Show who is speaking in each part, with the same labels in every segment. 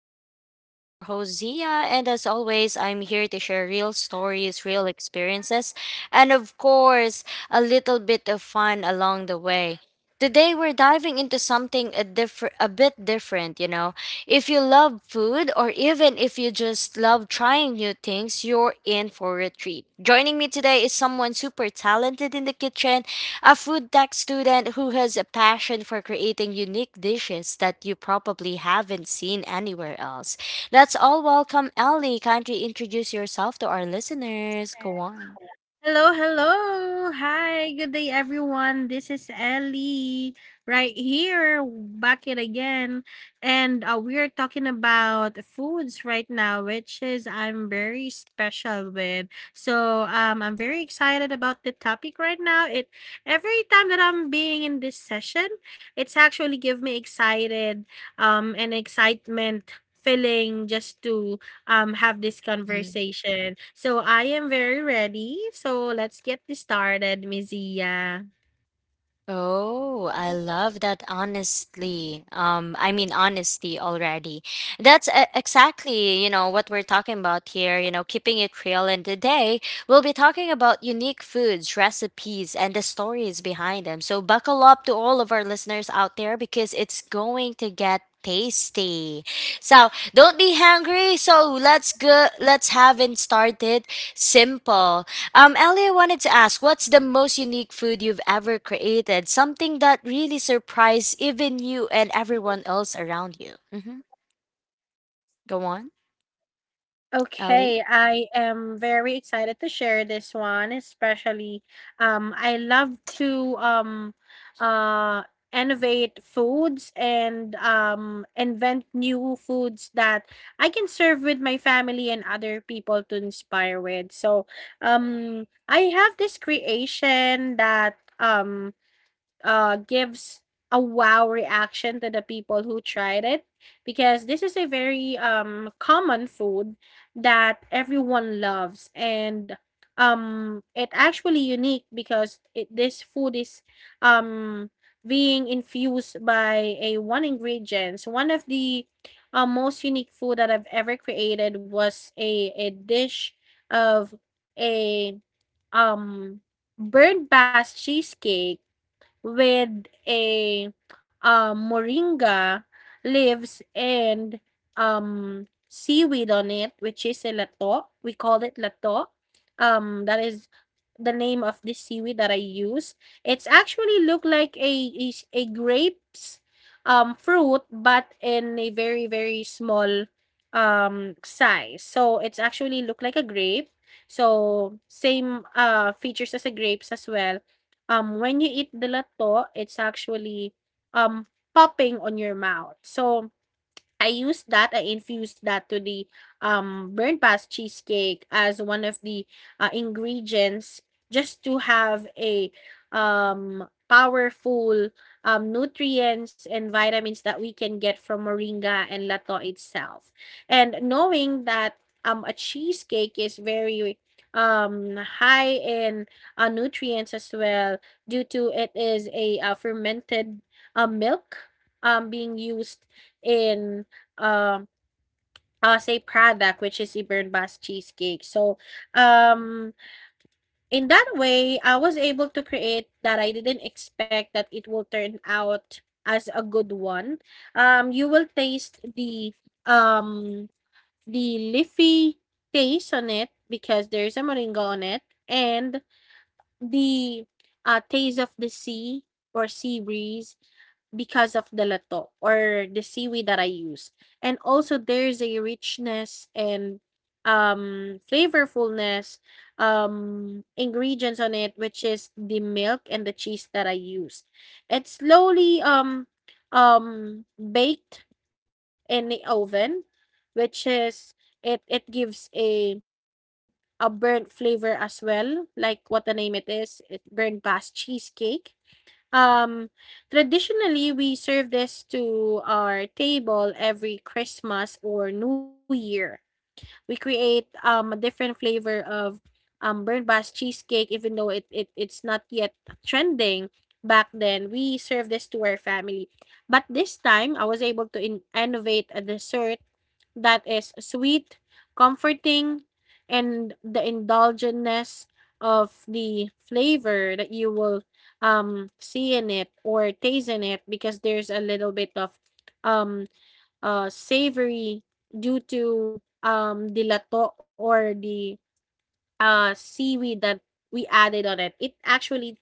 Speaker 1: Diaries. I'm your host, Zia, and as always, I'm here to share real stories, real experiences, and of course, a little bit of fun along the way. Today, we're diving into something different, a bit different, you know. If you love food, or even if you just love trying new things, you're in for a treat. Joining me today is someone super talented in the kitchen, a food tech student who has a passion for creating unique dishes that you probably haven't seen anywhere else. That's all. Welcome, Ellie. Kindly introduce yourself to our listeners. Go on.
Speaker 2: Hello, hello. Hi, good day everyone. This is Ellie right here back it again. And We're talking about foods right now, which is I'm very special with. So I'm very excited about the topic right now. It every time that I'm being in this session, it's actually give me excited and excitement feeling just to have this conversation. So I am very ready. So let's get this started, Ms. Zia.
Speaker 1: Oh, I love that, honestly. I mean, honesty already. That's exactly, you know, what we're talking about here, you know, keeping it real. And today we'll be talking about unique foods, recipes, and the stories behind them. So buckle up to all of our listeners out there, because it's going to get tasty. So don't be hungry. So let's go, let's have it started simple. Ellie, I wanted to ask, what's the most unique food you've ever created? Something that really surprised even you and everyone else around you. Mm-hmm. Go on, Ellie.
Speaker 2: Okay, I am very excited to share this one, especially I love to uh innovate foods and invent new foods that I can serve with my family and other people to inspire with. So I have this creation that gives a wow reaction to the people who tried it because this is a very common food that everyone loves and it actually unique because it this food is um being infused by a one ingredients one of the most unique food that I've ever created was a dish of a um bird bath cheesecake with a moringa leaves and seaweed on it, which is a lato. We call it lato. That is the name of this seaweed that I use. It's actually look like a is a grapes fruit, but in a very small size. So it's actually look like a grape. So same features as a grapes as well, when you eat the lato, it's actually, um, popping on your mouth. So I use that, I infused that to the burnt past cheesecake as one of the ingredients just to have a powerful nutrients and vitamins that we can get from moringa and lato itself. And knowing that a cheesecake is very high in nutrients as well due to it is a fermented milk being used in um, as a product, which is Ibernbas cheesecake. So, um, in that way, I was able to create that I didn't expect that it will turn out as a good one. You will taste um the leafy taste on it because there's a moringa on it and the taste of the sea or sea breeze because of the lato or the seaweed that I use. And also there's a richness and flavorfulness ingredients on it which is the milk and the cheese that I use. It's slowly baked in the oven which is it gives a burnt flavor as well like what the name it is it burnt past cheesecake. Um, Traditionally, we serve this to our table every Christmas or New Year. We create a different flavor of burnt bass cheesecake even though it's not yet trending back then we serve this to our family but this time I was able to innovate a dessert that is sweet, comforting, and the indulgentness of the flavor that you will see in it or taste in it because there's a little bit of um savory due to the lato or the seaweed that we added on it. It actually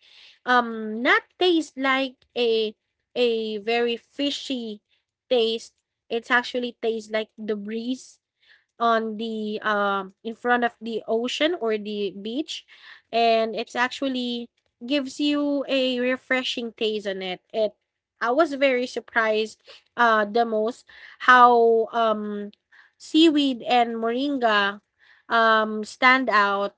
Speaker 2: not taste like a very fishy taste. It actually tastes like the breeze on the in front of the ocean or the beach and it's actually gives you a refreshing taste on it it I was very surprised the most how seaweed and moringa stand out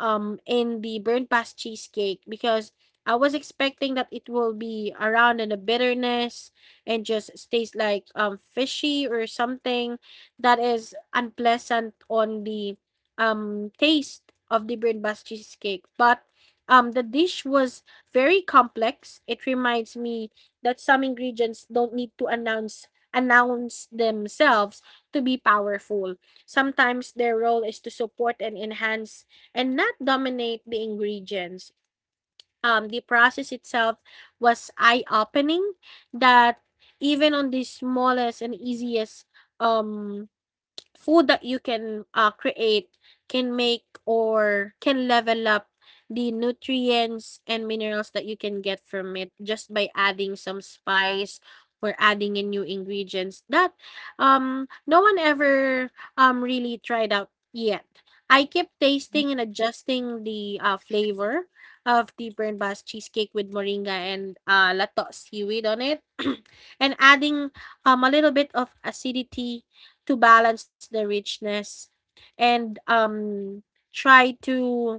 Speaker 2: in the burnt past cheesecake because I was expecting that it will be around in the bitterness and just tastes like fishy or something, that is unpleasant on the taste of the Birnbach cheesecake. But the dish was very complex. It reminds me that some ingredients don't need to announce themselves to be powerful. Sometimes their role is to support and enhance and not dominate the ingredients. The process itself was eye-opening that even on the smallest and easiest um food that you can create can make or can level up the nutrients and minerals that you can get from it just by adding some spice or adding in new ingredients that no one ever really tried out yet. I keep
Speaker 1: Mm-hmm.
Speaker 2: tasting and adjusting the flavor of the Burnt Bass cheesecake with moringa and lato seaweed on it, and adding a little bit of acidity to balance the richness and try to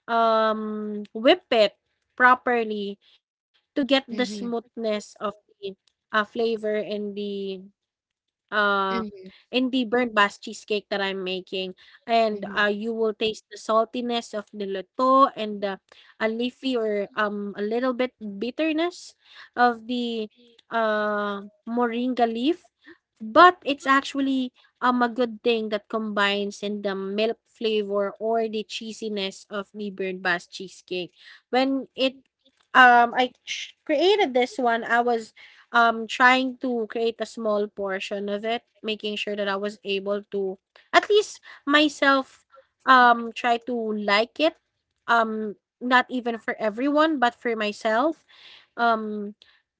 Speaker 2: whip it properly to get the smoothness of the flavor and the uh,
Speaker 1: Mm-hmm.
Speaker 2: in the burnt Basque cheesecake that I'm making. And
Speaker 1: Mm-hmm.
Speaker 2: You will taste the saltiness of the luto and the a leafy or a little bit bitterness of the uh, moringa leaf. But it's actually a good thing that combines in the milk flavor or the cheesiness of the burnt Basque cheesecake. When it I created this one, I was trying to create a small portion of it, making sure that I was able to at least myself try to like it. Um Not even for everyone, but for myself. Um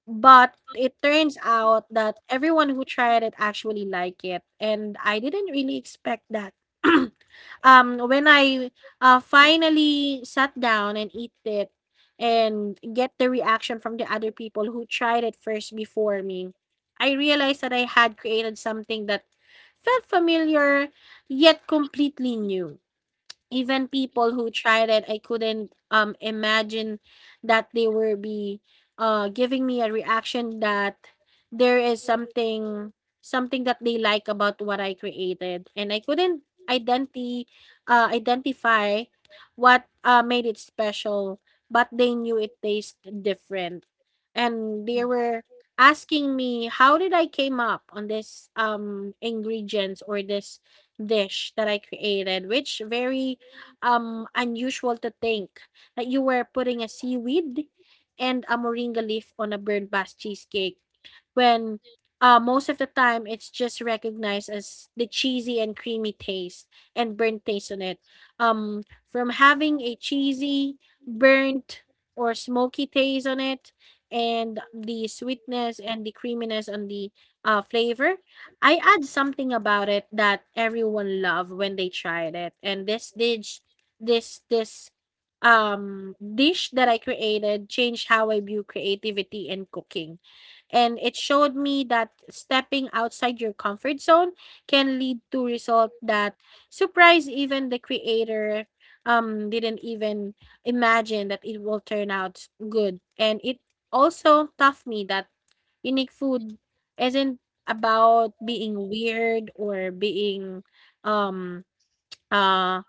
Speaker 2: but it turns out that everyone who tried it actually like it and I didn't really expect that. When I finally sat down and eat it and get the reaction from the other people who tried it first before me, I realized that I had created something that felt familiar yet completely new. Even people who tried it, I couldn't imagine that they will be giving me a reaction that there is something that they like about what I created. And I couldn't identi identify what made it special, but they knew it tasted different. And they were asking me how did I came up on this ingredients or this dish that I created, which very unusual to think that you were putting a seaweed and a moringa leaf on a bird bath cheesecake when most of the time it's just recognized as the cheesy and creamy taste and burnt taste on it. From having a cheesy, burnt, or smoky taste on it, and the sweetness and the creaminess on the flavor, I add something about it that everyone loved when they tried it. And this dish this this dish that I created changed how I view creativity and cooking. And it showed me that stepping outside your comfort zone can lead to result that surprise even the creator didn't even imagine that it will turn out good. And it also taught me that unique food isn't about being weird or being um uh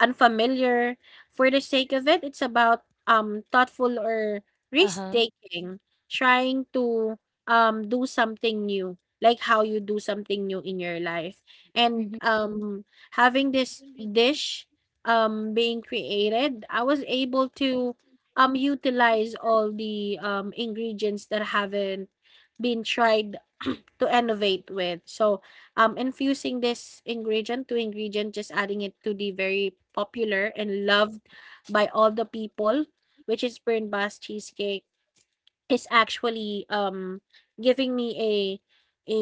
Speaker 2: unfamiliar for the sake of it. It's about thoughtful or risk
Speaker 1: Uh-huh.
Speaker 2: taking, trying to do something new, like how you do something new in your life. And
Speaker 1: Mm-hmm.
Speaker 2: um having this dish being created, I was able to utilize all the ingredients that haven't been tried like, to innovate with. So, infusing this ingredient to ingredient, just adding it to the very popular and loved by all the people, which is Burnt Bass cheesecake. Is actually giving me a a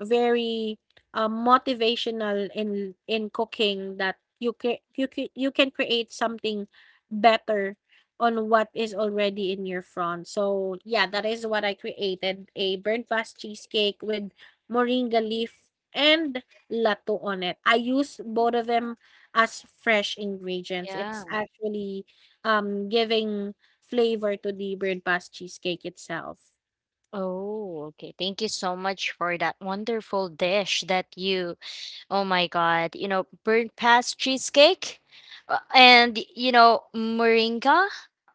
Speaker 2: very motivational in cooking that you can create something better on what is already in your front. So yeah, that is what I created a burnt fast cheesecake with moringa leaf and lato on it. I use both of them as fresh ingredients. It's
Speaker 1: Yeah.
Speaker 2: actually giving flavor to the bird bath cheesecake itself.
Speaker 1: Oh, okay. Thank you so much for that wonderful dish that you. Oh my god, you know, burnt past cheesecake and you know, moringa.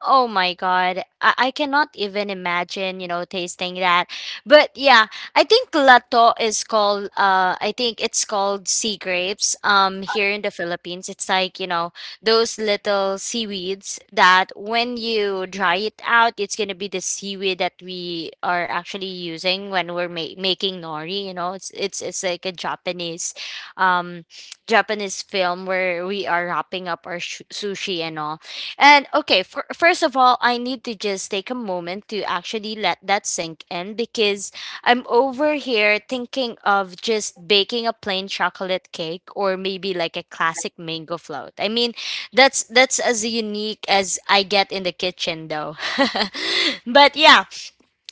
Speaker 1: Oh my god, I cannot even imagine, you know, tasting that. But yeah, I think lato is called, uh, I think it's called sea grapes, um, here in the Philippines. It's like, you know, those little seaweeds that when you dry it out, it's going to be the seaweed that we are actually using when we're making nori, you know. It's like a Japanese um Japanese film where we are wrapping up our sushi and all. And okay, for, first of all, I need to just take a moment to actually let that sink in because I'm over here thinking of just baking a plain chocolate cake or maybe like a classic mango float. I mean, that's as unique as I get in the kitchen though. But yeah,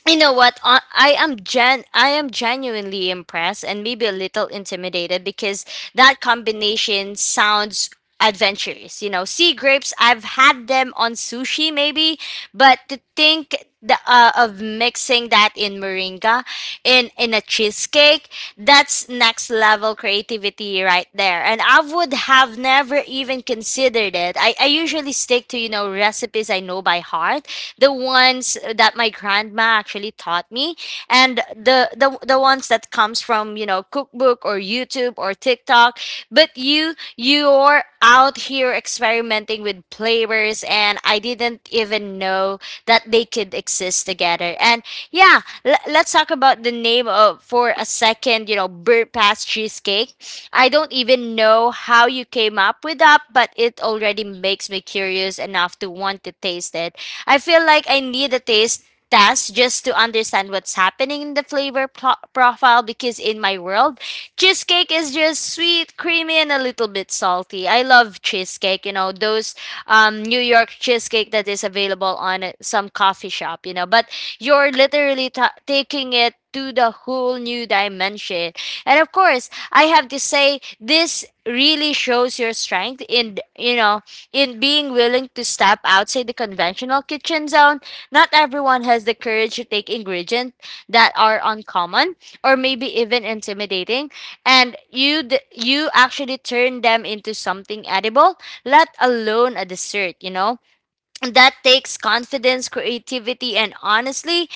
Speaker 1: you know what, I am genuinely impressed and maybe a little intimidated because that combination sounds adventurous. You know, sea grapes, I've had them on sushi maybe, but to think of mixing that in moringa in a cheesecake. That's next level creativity right there, and I would have never even considered it. I usually stick to, you know, recipes I know by heart, the ones that my grandma actually taught me, and the ones that comes from, you know, cookbook or YouTube or TikTok. But you're out here experimenting with flavors and I didn't even know that they could exist together. And yeah, let's talk about the name of for a second. You know, bird pass cheesecake, I don't even know how you came up with that, but it already makes me curious enough to want to taste it. I feel like I need a taste test just to understand what's happening in the flavor profile because in my world, cheesecake is just sweet, creamy, and a little bit salty. I love cheesecake, you know, those New York cheesecake that is available on some coffee shop, you know, but you're literally ta taking it to the whole new dimension. And of course, I have to say, this really shows your strength in, you know, in being willing to step outside the conventional kitchen zone. Not everyone has the courage to take ingredients that are uncommon or maybe even intimidating, and you you actually turn them into something edible, let alone a dessert, you know? That takes confidence, creativity, and honestly,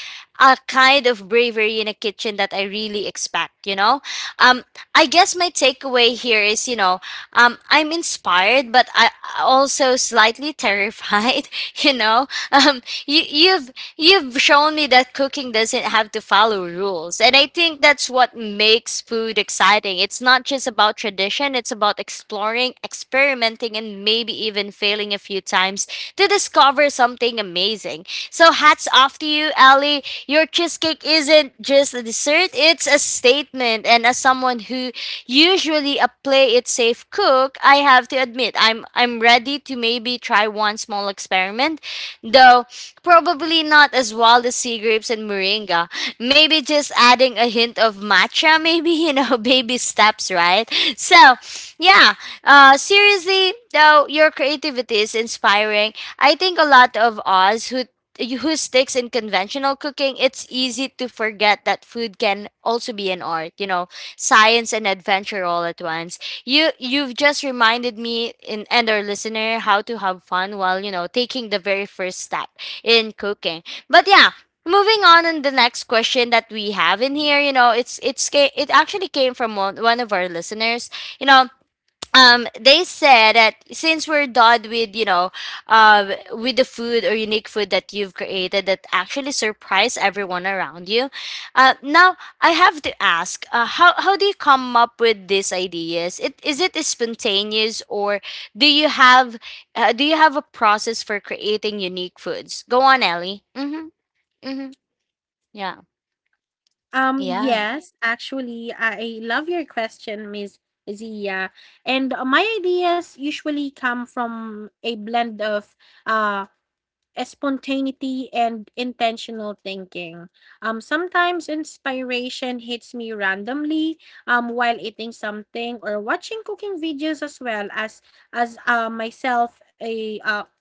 Speaker 1: a kind of bravery in a kitchen that I really expect, you know? Um, I guess my takeaway here is, you know, I'm inspired, but I also slightly terrified, you know? You've shown me that cooking doesn't have to follow rules. And I think that's what makes food exciting. It's not just about tradition, it's about exploring, experimenting, and maybe even failing a few times to discover something amazing. So hats off to you, Ali. Your cheesecake isn't just a dessert, it's a statement. And as someone who usually a play it safe cook, I have to admit I'm ready to maybe try one small experiment, though probably not as wild as sea grapes and moringa. Maybe just adding a hint of matcha, maybe, you know, baby steps, right? So yeah. Uh, seriously though, your creativity is inspiring. I think a lot of us who sticks in conventional cooking, it's easy to forget that food can also be an art, you know, science and adventure all at once. You've just reminded me in and our listener how to have fun while, you know, taking the very first step in cooking. But yeah, moving on in the next question that we have in here, you know, it actually came from one of our listeners. You know, they said that since we're done with, you know, with the food or unique food that you've created that actually surprise everyone around you, now I have to ask, how do you come up with these ideas? It is it spontaneous, or do you have do you have a process for creating unique foods? Go on, Ellie. Mm-hmm. Mm-hmm. Yeah. Yeah.
Speaker 2: Yes, actually, I love your question, Miss Zia. And My ideas usually come from a blend of uh, spontaneity and intentional thinking. Sometimes inspiration hits me randomly while eating something or watching cooking videos as well as myself a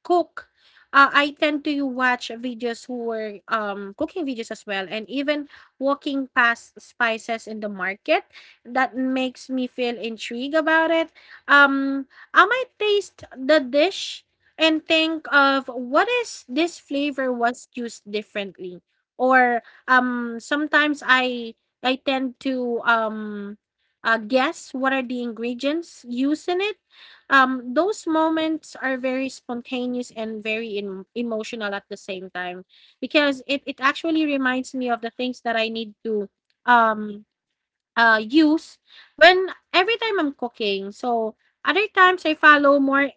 Speaker 2: cook, I tend to watch videos who were cooking videos as well, and even walking past spices in the market. That makes me feel intrigued about it. Um, I might taste the dish and think of what is this flavor was used differently, or sometimes I tend to guess what are the ingredients used in it. Those moments are very spontaneous and very emotional at the same time because it actually reminds me of the things that I need to um use when every time I'm cooking. So other times I follow more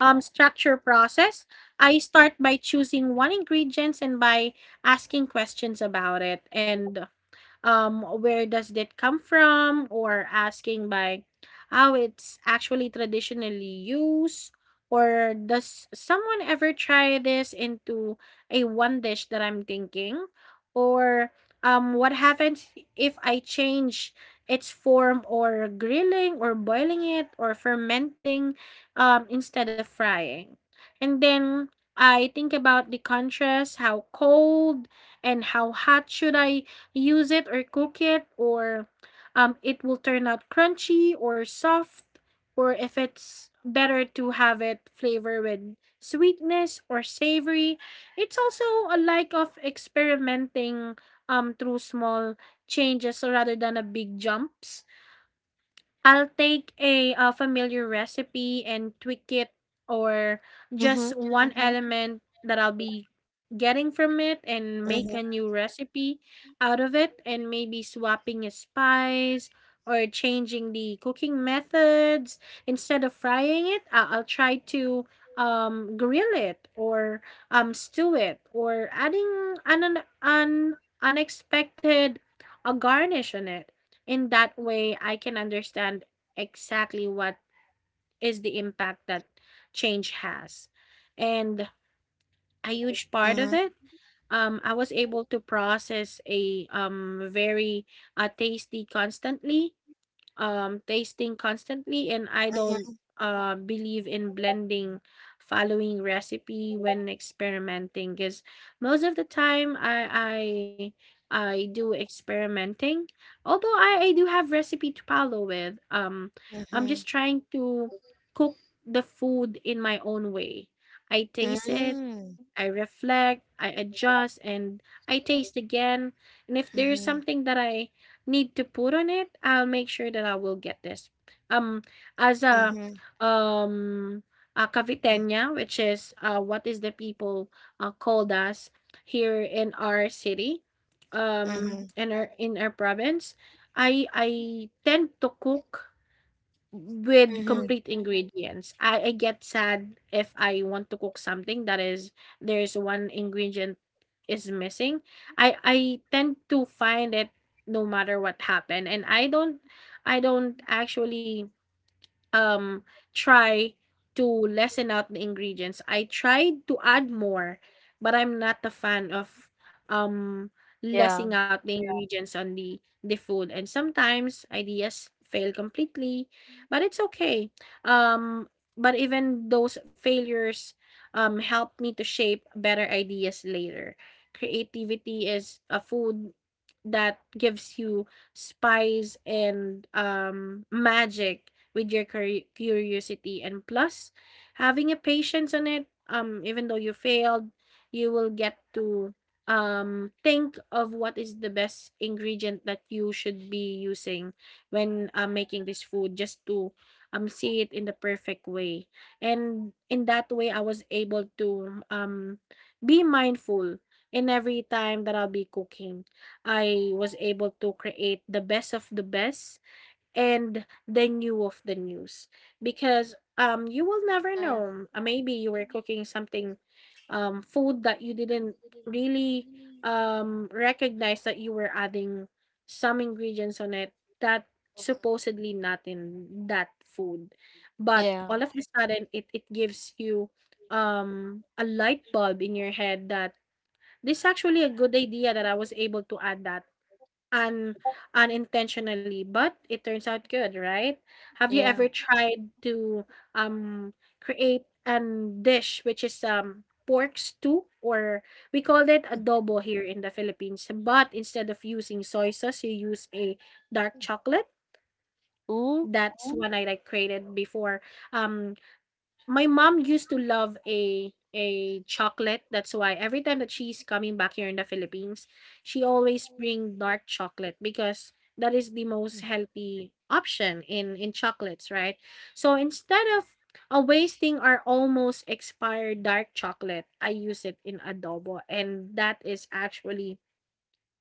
Speaker 2: structure process. I start by choosing one ingredients and by asking questions about it, and where does that come from, or asking by how it's actually traditionally used, or does someone ever try this into a one dish that I'm thinking, or what happens if I change its form, or grilling or boiling it or fermenting, instead of frying. And then I think about the contrast, how cold and how hot should I use it or cook it, or it will turn out crunchy or soft, or if it's better to have it flavor with sweetness or savory. It's also a like of experimenting through small changes rather than a big jumps. I'll take a, familiar recipe and tweak it, or
Speaker 1: Mm-hmm.
Speaker 2: just one element that I'll be getting from it and make a new recipe out of it, and maybe swapping a spice or changing the cooking methods. Instead of frying it, I'll try to grill it or stew it, or adding an unexpected a garnish on it. In that way, I can understand exactly what is the impact that change has. And a huge part
Speaker 1: Mm-hmm.
Speaker 2: of it, I was able to process a very tasty constantly tasting constantly, and I don't
Speaker 1: Mm-hmm.
Speaker 2: believe in blending following recipe when experimenting, because most of the time I do experimenting. Although I do have recipe to follow with. I'm
Speaker 1: Mm-hmm.
Speaker 2: just trying to cook the food in my own way. I taste it,
Speaker 1: Mm-hmm.
Speaker 2: I reflect, I adjust, and I taste again. And if there's something that I need to put on it, I'll make sure that I will get this. Um, as
Speaker 1: Mm-hmm.
Speaker 2: um a caviteña, which is what is the people called us here in our city,
Speaker 1: Mm-hmm.
Speaker 2: in our province, I tend to cook with
Speaker 1: Mm-hmm.
Speaker 2: complete ingredients. I get sad if I want to cook something that is there's one ingredient is missing. I tend to find it no matter what happened, and I don't actually um try to lessen out the ingredients. I tried to add more, but I'm not a fan of um lessing out the ingredients on the food. And sometimes ideas fail completely, but it's okay. Um but even those failures help me to shape better ideas later. Creativity is a food that gives you spice and magic with your curiosity, and plus having a patience on it. Even though you failed, you will get to think of what is the best ingredient that you should be using when making this food, just to see it in the perfect way. And in that way, I was able to be mindful in every time that I'll be cooking. I was able to create the best of the best and the new of the news, because you will never know, maybe you were cooking something food that you didn't really recognize that you were adding some ingredients on it that supposedly not in that food, but
Speaker 1: Yeah,
Speaker 2: all of a sudden it gives you a light bulb in your head that this is actually a good idea that I was able to add that. Un Unintentionally, but it turns out good, right? Have you
Speaker 1: yeah.
Speaker 2: ever tried to create an dish which is pork stew, or we call it adobo here in the Philippines, but instead of using soy sauce, you use a dark chocolate.
Speaker 1: Ooh,
Speaker 2: That's one I like created before. Um my mom used to love a chocolate. That's why every time that she's coming back here in the Philippines, she always bring dark chocolate, because that is the most healthy option in chocolates, right? So instead of wasting our almost expired dark chocolate, I use it in adobo, and that is actually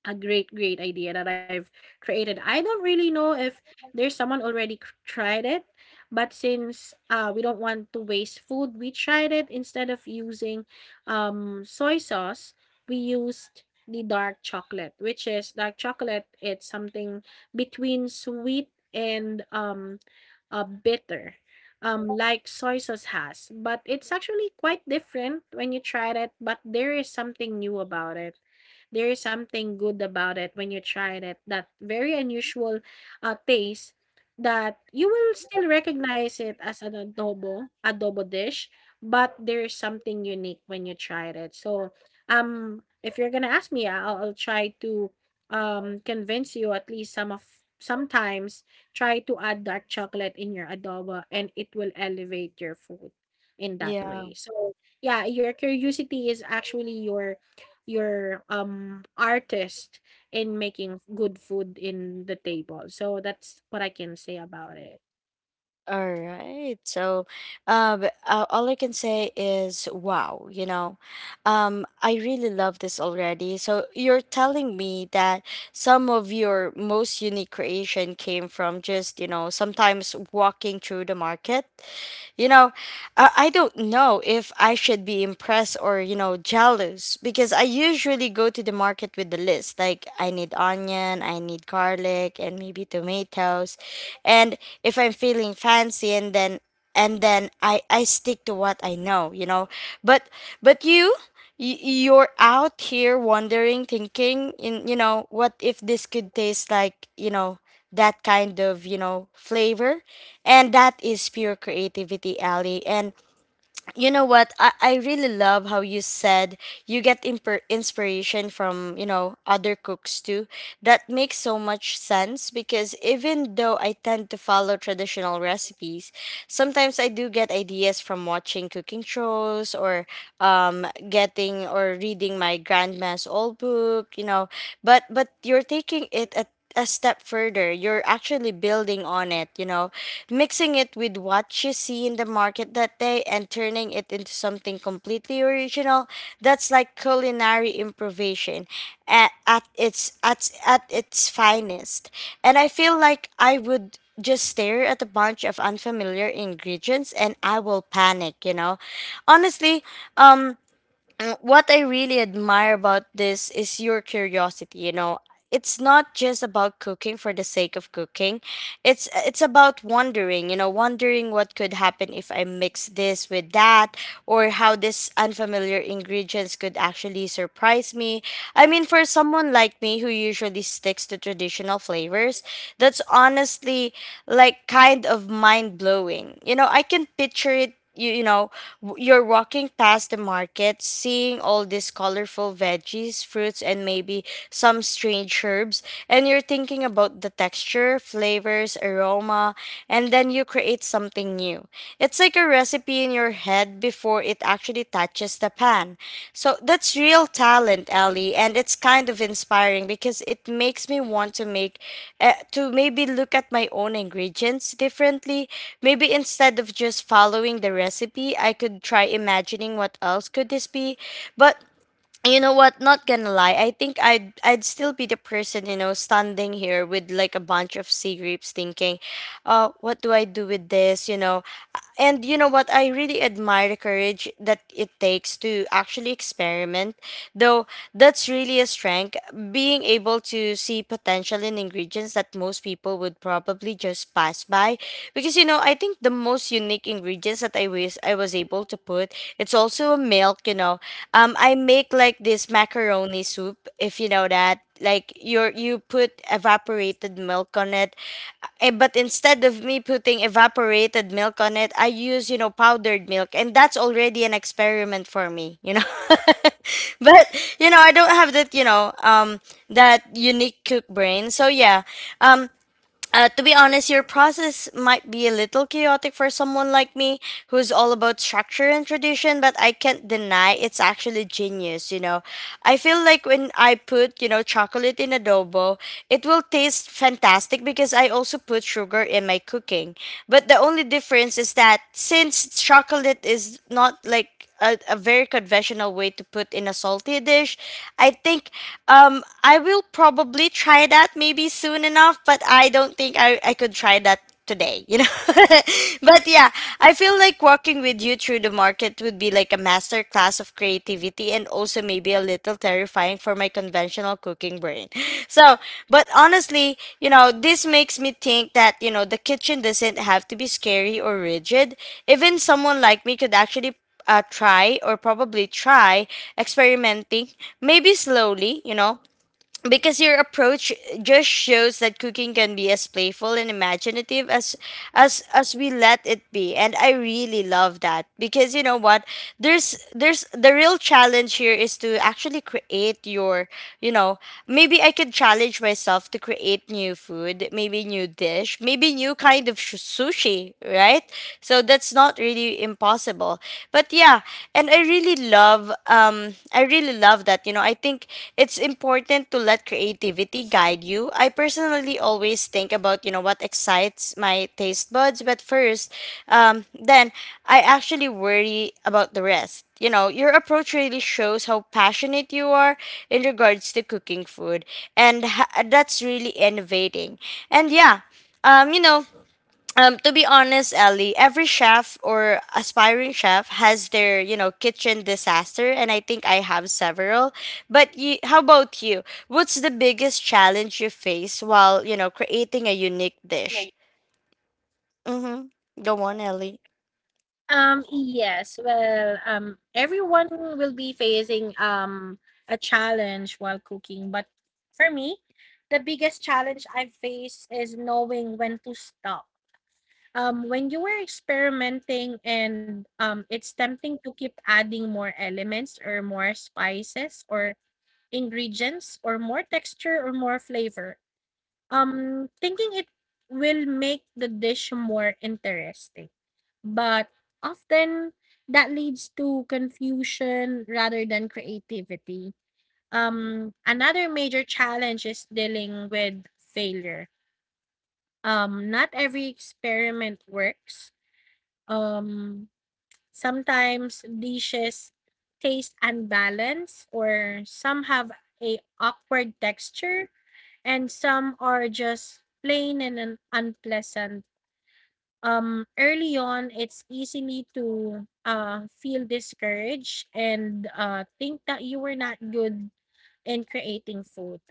Speaker 2: a great, great idea that I've created. I don't really know if there's someone already tried it, but since we don't want to waste food, we tried it. Instead of using soy sauce, we used the dark chocolate, which is dark chocolate. It's something between sweet and bitter. Like soy sauce has, but it's actually quite different when you try it. But there is something new about it, there is something good about it when you tried it. That very unusual taste that you will still recognize it as an adobo dish, but there's something unique when you tried it. So, if you're gonna ask me, I'll try to convince you at least some of sometimes try to add dark chocolate in your adobo, and it will elevate your food in that
Speaker 1: yeah.
Speaker 2: way. So yeah, your curiosity is actually your your artist in making good food in the table. So that's what I can say about it.
Speaker 1: All right. So, all I can say is wow, you know. I really love this already. So, you're telling me that some of your most unique creation came from just, you know, sometimes walking through the market. You know, I don't know if I should be impressed or, you know, jealous because I usually go to the market with the list. Like, I need onion, I need garlic, and maybe tomatoes and if I'm feeling fancy. And then I stick to what I know, you know. But you you're out here wondering, thinking in, you know, what if this could taste like, you know, that kind of, you know, flavor. And that is pure creativity, Ali. And you know what, I really love how you said you get inspiration from, you know, other cooks too. That makes so much sense because even though I tend to follow traditional recipes. Sometimes I do get ideas from watching cooking photos or getting or reading my grandma's old book, you know. But you're taking it a step further. You're actually building on it, you know, mixing it with what you see in the market that day and turning it into something completely original. That's like culinary improvisation at its at its finest. And I feel like I would just stare at a bunch of unfamiliar ingredients and I will panic, you know, honestly. um, what I really admire about this is your curiosity. You know, it's not just about cooking for the sake of cooking. It's about wondering. You know, wondering what could happen if I mix this with that, or how this unfamiliar ingredients could actually surprise me. I mean, for someone like me who is a first timers, that's honestly like kind of mind blowing. You know, I can it you, you know, you're walking past the market, seeing all these colorful veggies, fruits, and maybe some strange herbs, and you're thinking about the texture, flavors, aroma, and then you create something new. It's like a recipe in your head before it actually touches the pan. So that's real talent, Ellie, and it's kind of inspiring because it makes me want to make, to maybe look at my own ingredients differently. Maybe instead of just following the recipe, I could try imagining what else could this be. But you know what? Not gonna lie, I think I'd still be the person, you know, standing here with like a bunch of sea grapes, thinking, "Oh, what do I do with this?" You know, and you know what? I really admire the courage that it takes to actually experiment, though that's really a strength. Being able to see potential in ingredients that most people would probably just pass by, because you know, I think the most unique ingredients that I was able to put, it's also a milk. You know, I make like this macaroni soup, if you know that. Like your you put evaporated milk on it. Eh, but instead of me putting evaporated milk on it, I use, you know, powdered milk. And that's already an experiment for me, you know. but, I don't have that, that unique cook brain. So, yeah. Um, to be honest, your process might be a little chaotic for someone like me who's all about structure and tradition, but I can't deny it's actually genius, you know. I feel like when I put, you know, chocolate in adobo, it will taste fantastic because I also put sugar in my cooking. But the only difference is that since chocolate is not like a very conventional way to put in a salty dish, I think I will probably try that maybe soon enough, but I don't think I could try that today, you know? But yeah, I feel like walking with you through the market would be like a master class of creativity and also maybe a little terrifying for my conventional brain. So, but honestly, you know, makes me think that, you know, the kitchen doesn't have to be scary or rigid. Even someone like me could actually try or probably try experimenting maybe slowly, you know, because your approach just shows that cooking can be as playful and imaginative as as we let it be. And I really love that because you know what? There's the real challenge here is to actually create your, you know, maybe I could challenge myself to create new food, maybe new dish, maybe new kind of sushi, right? So that's not really impossible. But yeah, and I really love, I really love that, you know. I think it's creativity guide you. I personally think about, you know, what excites my taste buds, but first, then I actually about the rest. You know, your approach really shows how passionate you are in regards to cooking food, and that's really innovating. And yeah, you know, to be honest, Ellie, every chef or aspiring chef has their, you know, kitchen disaster, and I think I have several. But you, how about you? What's the biggest challenge you face, you know, creating a unique
Speaker 2: Okay.
Speaker 1: dish? Mm-hmm. Go on, Ellie.
Speaker 2: Yes, well, everyone will be facing a challenge while cooking, but for me, the biggest challenge I face is knowing when to stop. When you were experimenting, and it's tempting to keep adding more elements, or more spices or ingredients, or more texture or more flavor. Thinking it will make the dish more interesting. But often that leads to confusion rather than creativity. Another major challenge is dealing with failure. Not every experiment works. Um, sometimes dishes taste unbalanced, or some have a awkward texture, and some are just plain and unpleasant. Early on, it's easily to feel discouraged and think that you were not good in creating food.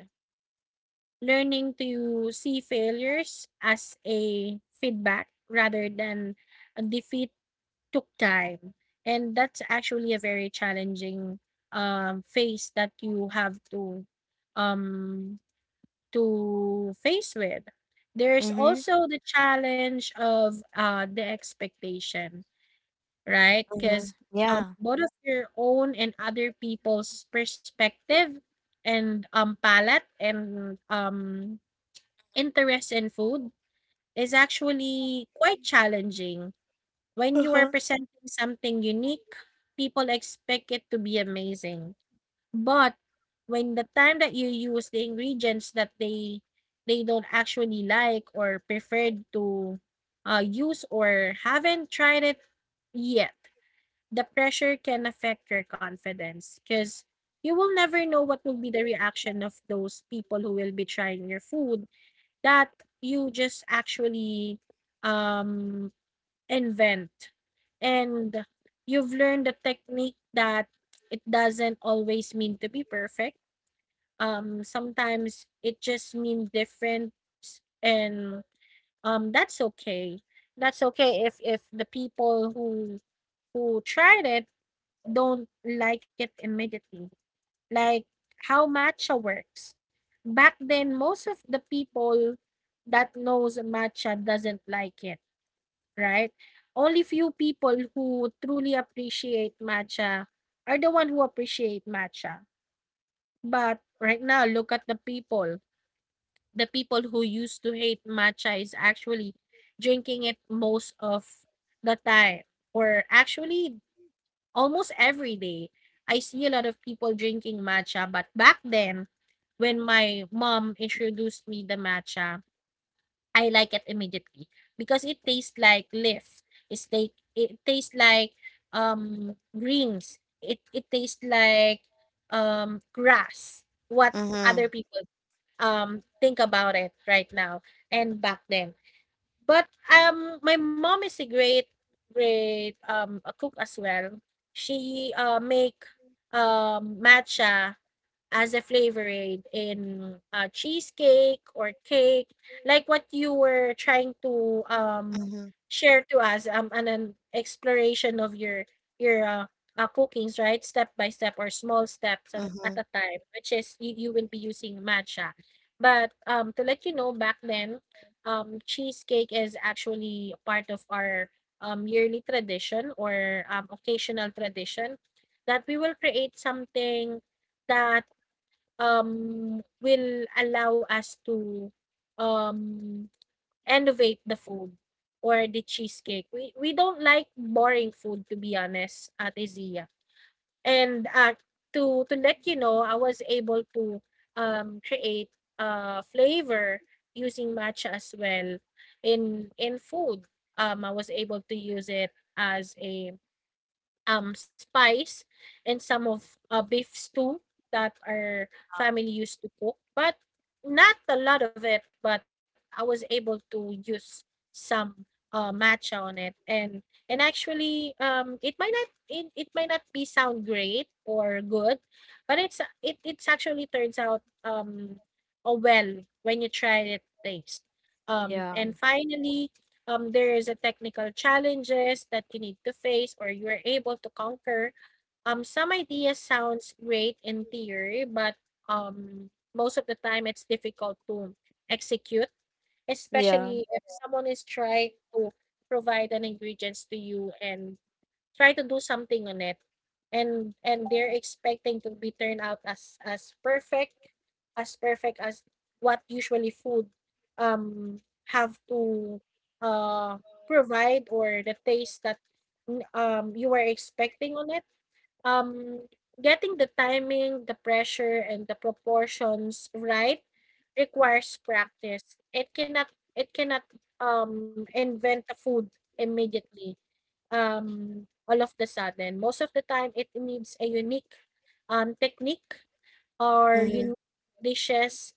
Speaker 2: Learning to see failures as a feedback rather than a defeat took time. And that's actually a very challenging phase that you have um, to face with. There's
Speaker 1: Mm-hmm.
Speaker 2: also the challenge of, the expectation, right?
Speaker 1: Mm-hmm.
Speaker 2: Because
Speaker 1: Yeah.
Speaker 2: both of your own and other people's perspective and, palate and, interest in food is actually quite challenging. When you are
Speaker 1: Uh-huh.
Speaker 2: presenting something unique, people expect it to be amazing. But when the time that you use the ingredients that they don't actually like or preferred to use or haven't tried it yet, the pressure can affect your confidence, because you will never know what will be the reaction of those people who will be trying your food that you just actually um, invent. And you've learned the technique that it doesn't always mean to be perfect. Sometimes it just means different, and that's okay. That's okay if the people who tried it don't like it immediately. Like how matcha works. Back then, most of the people that knows matcha doesn't like it, right? Only few people who truly appreciate matcha are the one who appreciate matcha. But right now, look at the people. The people who used to hate matcha is actually drinking it most of the time, or actually almost every day. I see a lot of people drinking matcha, but back then, when my mom introduced me the matcha, I like it immediately because it tastes like leaf. It's like it tastes like greens. It tastes like grass. What
Speaker 1: Mm-hmm.
Speaker 2: other people think about it right now and back then. But my mom is a great, great a cook as well. She make matcha as a flavoring in cheesecake or cake, like what you were trying to
Speaker 1: Mm-hmm.
Speaker 2: share to us an exploration of your your cookings, right? Step by step, or small steps at
Speaker 1: Mm-hmm.
Speaker 2: a time, which is you will be using matcha. But to let you know, back then, cheesecake is actually part of our yearly tradition, or occasional tradition, that we will create something that will allow us to, um, innovate the food or the cheesecake. We don't like boring food, to be honest, Ate Zia. And, to let you know, I was able to, create a flavor using matcha as well in food. I was able to use it as a spice and some of beef stew that our family used to cook, but not a lot of it. But I was able to use some matcha on it, and actually, it might not it might not be sound great or good, but it's actually turns out oh well when you try it taste. And
Speaker 1: Yeah.
Speaker 2: finally, there is a technical challenges that you need to face or you are able to conquer. Some idea sounds great in theory, but most of the time it's difficult to execute,
Speaker 1: Yeah.
Speaker 2: especially if someone is trying to provide an ingredients to you and try to do something on it, and they're expecting to be turned out as perfect as perfect as what usually food um have to uh provide, or the taste that you were expecting on it. um Getting the timing, the pressure, and the proportions right requires practice. It cannot invent a food immediately, all of the sudden. Most of the time, it needs a unique technique or
Speaker 1: Mm-hmm.
Speaker 2: unique dishes,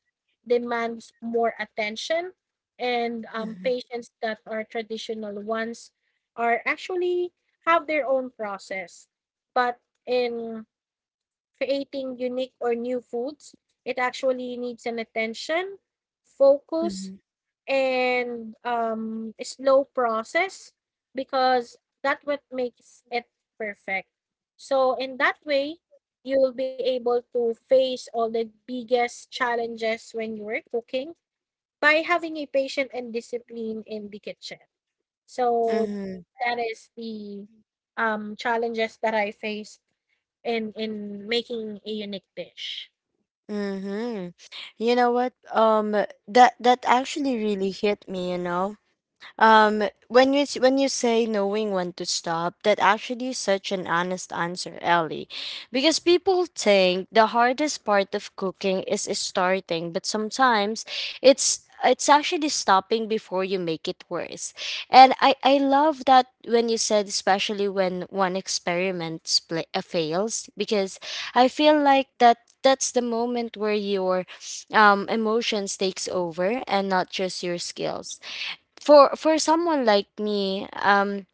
Speaker 2: demands more attention and
Speaker 1: Mm-hmm.
Speaker 2: patients that are traditional ones are actually, have their own process. But in creating unique or new foods, it actually needs an attention, focus, and, slow process, because that what makes it perfect. So in that way, you'll be able to face all the biggest challenges when you are cooking by having a patient and discipline in the kitchen. So
Speaker 1: Mm-hmm.
Speaker 2: that is the challenges that I faced in making a unique dish.
Speaker 1: Mm-hmm. You know what? That actually really hit me. You know, when you when you say knowing when to stop, that actually is such an honest answer, Ellie, because people think the hardest part of cooking is starting, but sometimes it's actually stopping before you make it worse. And I love that when you said, especially when one experiment fails, because I feel like that's the moment where your, emotions takes over and not just your skills for someone like me, um,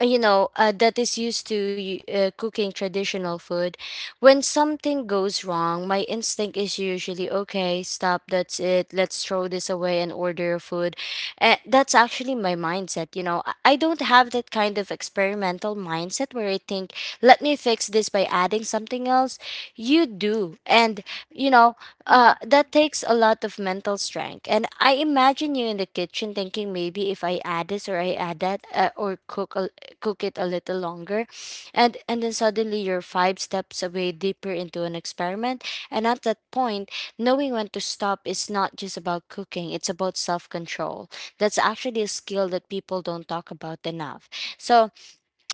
Speaker 1: uh, you know, that is used to cooking traditional food. When something goes wrong, my instinct is usually, okay, stop, that's it, let's throw this away and order food. That's actually my mindset, you know. I don't have that kind of experimental mindset where I think, let me fix this by adding something else. You do, and, you know, that takes a lot of mental strength. And I imagine you in the kitchen thinking, maybe if I add this or I add that, or cook a cook it a little longer, and then suddenly you're five steps away deeper into an experiment. And at that point, knowing when to stop is not just about cooking, it's about self-control. That's actually a skill that people don't talk about enough. So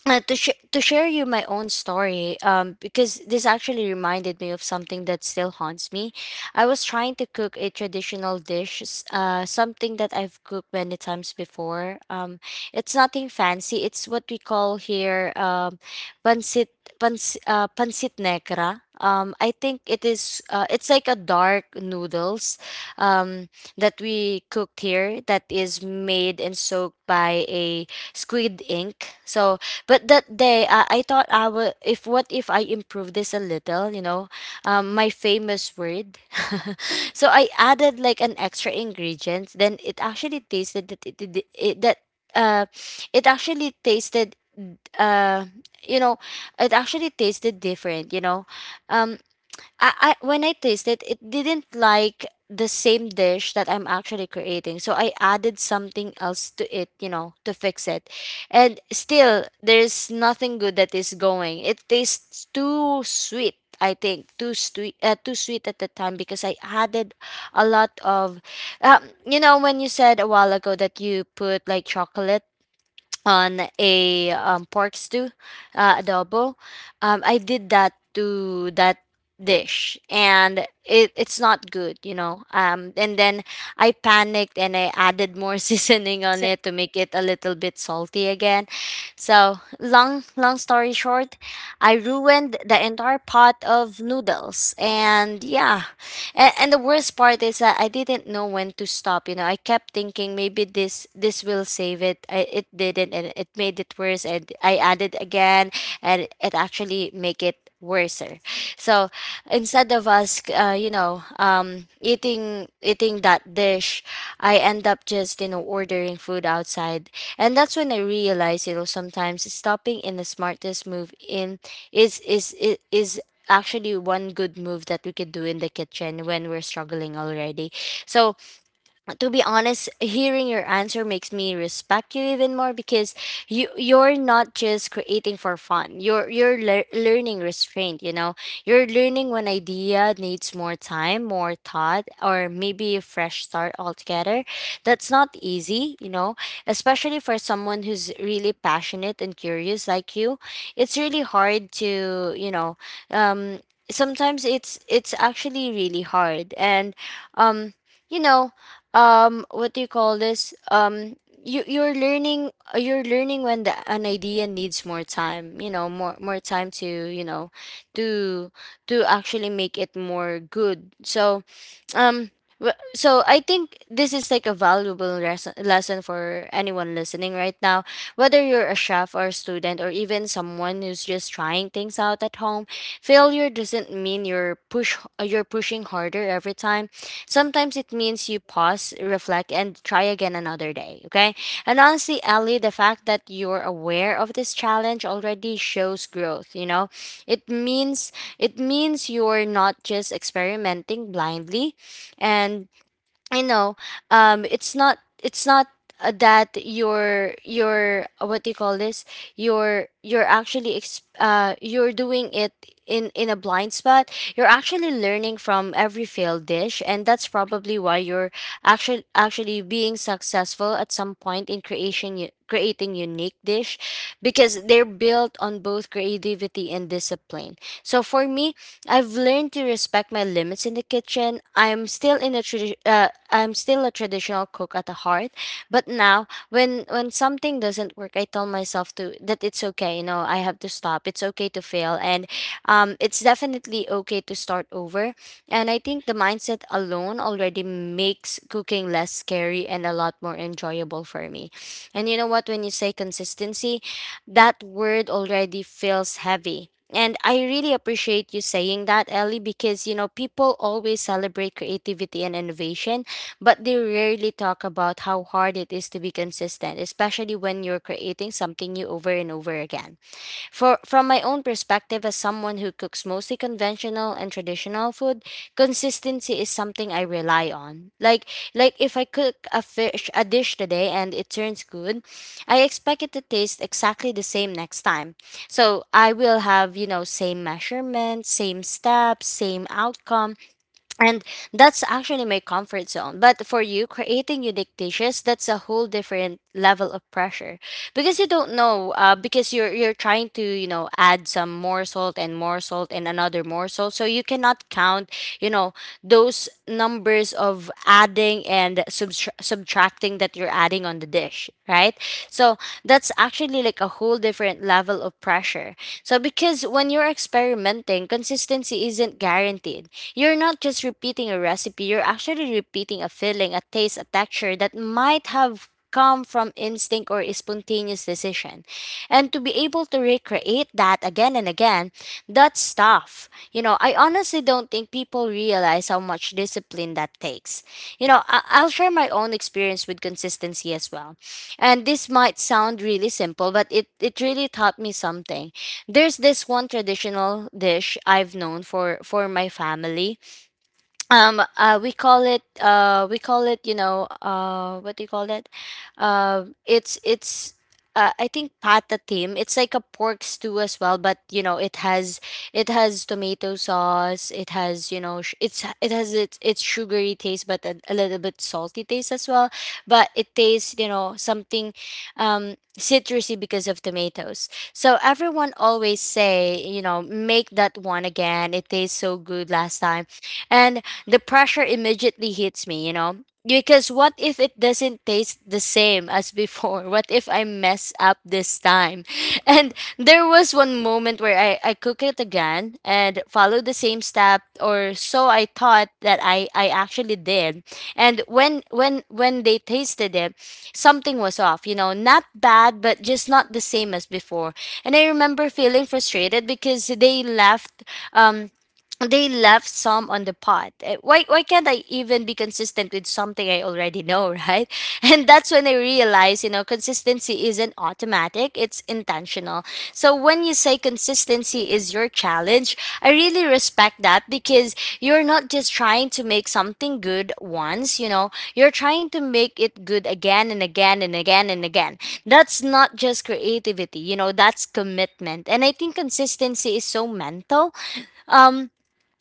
Speaker 1: to to share you my own story, because this actually reminded me of something that still haunts me. I was trying to cook a traditional dish something that I've cooked many times before. It's nothing fancy. It's what we call here, pancit pans pancit negra, I think it is. It's like a dark noodles, um that we cooked here that is made and soaked by a squid ink. So but that day, I thought I would. If what if I improve this a little, you know, my famous word. So I added like an extra ingredient. Then it actually tasted that uh, it actually tasted, uh, you know, it actually tasted different. You know, um, I when I tasted it didn't like the same dish that I'm actually creating. So I added something else to it, you know, to fix it. And still there's nothing good that is going. It tastes too sweet. I think too sweet at the time because I added a lot of, you know, when you said a while ago that you put like chocolate on a pork stew, adobo. I did that to that dish, and it it's not good, you know. And then I panicked and I added more seasoning on it
Speaker 2: So-
Speaker 1: to make it a little bit salty again. So long story short, I ruined the entire pot of noodles, and yeah, and the worst part is that I didn't know when to stop. You know, I kept thinking maybe this will save it. I, it didn't, and it made it worse. And I added again, and it actually make it worser. So instead of us, you know, eating that dish, I end up just you know ordering food outside, and that's when I realized you know sometimes stopping in the smartest move in is actually one good move that we could do in the kitchen when we're struggling already. So to be honest, hearing your answer makes me respect you even more because you you're not just creating for fun. You're learning restraint. You know, you're learning when idea needs more time, more thought, or maybe a fresh start altogether. That's not easy. You know, especially for someone who's really passionate and curious like you, it's really hard to you know. Um, sometimes it's actually really hard, and um you know, what do you call this, you you're learning, you're learning when the, an idea needs more time, you know, more time to you know to to actually make it more good. So um so I think this is like a valuable lesson for anyone listening right now, whether you're a chef or a student or even someone who's just trying things out at home. Failure doesn't mean you're push you're pushing harder every time. Sometimes it means you pause, reflect, and try again another day, okay? And honestly, Ali, the fact that you're aware of this challenge already shows growth, you know. It means it means you're not just experimenting blindly, and, you know, it's not that you're what do you call this, you're actually you're doing it in a blind spot. You're actually learning from every failed dish, and that's probably why you're actually being successful at some point in creation creating unique dish because they're built on both creativity and discipline. So for me, I've learned to respect my limits in the kitchen. I'm still in a I'm still a traditional cook at the heart, but now when something doesn't work, I tell myself to that it's okay. You know, I have to stop. It's okay to fail, and it's definitely okay to start over. And I think the mindset alone already makes cooking less scary and a lot more enjoyable for me. And you know what? When you say consistency, that word already feels heavy, and I really appreciate you saying that, Ellie, because you know, people always celebrate creativity and innovation, but they rarely talk about how hard it is to be consistent, especially when you're creating something new over and over again. For from my own perspective as someone who cooks mostly conventional and traditional food, consistency is something I rely on. Like if I cook a fish a dish today and it turns good, I expect it to taste exactly the same next time. So I will have, you know, same measurements, same steps, same outcome, and that's actually my comfort zone. But for you, creating unique dishes, that's a whole different level of pressure because you don't know. Because you're trying to you know add some more salt and another more salt, so you cannot count you know those numbers of adding and subtracting that you're adding on the dish, right? So that's actually like a whole different level of pressure. So because when you're experimenting, consistency isn't guaranteed. You're not just repeating a recipe, you're actually repeating a feeling, a taste, a texture that might have come from instinct or a spontaneous decision. And to be able to recreate that again and again, that's tough. You know, I honestly don't think people realize how much discipline that takes. You know, I'll share my own experience with consistency as well. And this might sound really simple, but it really taught me something. There's this one traditional dish I've known for my family. We call it, you know what do you call that it's I think patatim. It's like a pork stew as well, but you know it has, it has tomato sauce. It has, you know, it has its sugary taste, but a little bit salty taste as well. But it tastes, you know, something citrusy because of tomatoes. So everyone always say, you know, make that one again. It tastes so good last time, and the pressure immediately hits me, you know? Because what if it doesn't taste the same as before? What if I mess up this time? And there was one moment where I cook it again and follow the same step, or so I thought that I actually did. And when they tasted it, something was off, you know, not bad but just not the same as before. And I remember feeling frustrated because they left, um they left some on the pot. Eh, why can't I even be consistent with something I already know, right? And that's when I realized, you know, consistency isn't automatic, it's intentional. So when you say consistency is your challenge, I really respect that because you're not just trying to make something good once, you know, you're trying to make it good again and again and again and again. That's not just creativity, you know, that's commitment. And I think consistency is so mental. Um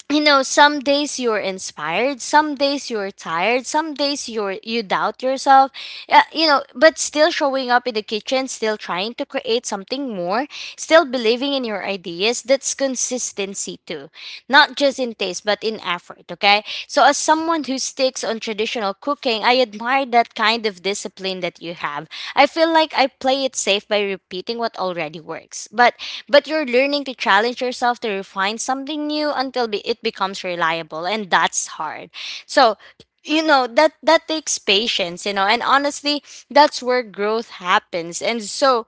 Speaker 1: you know, some days you're inspired, some days you're tired, some days you doubt yourself. You know, but still showing up in the kitchen, still trying to create something more, still believing in your ideas, that's consistency too, not just in taste but in effort. Okay, so as someone who sticks on traditional cooking, I admire that kind of discipline that you have. I feel like I play it safe by repeating what already works, but you're learning to challenge yourself to refine something new until it becomes reliable, and that's hard. So, you know, that takes patience, you know, and honestly, that's where growth happens. And so,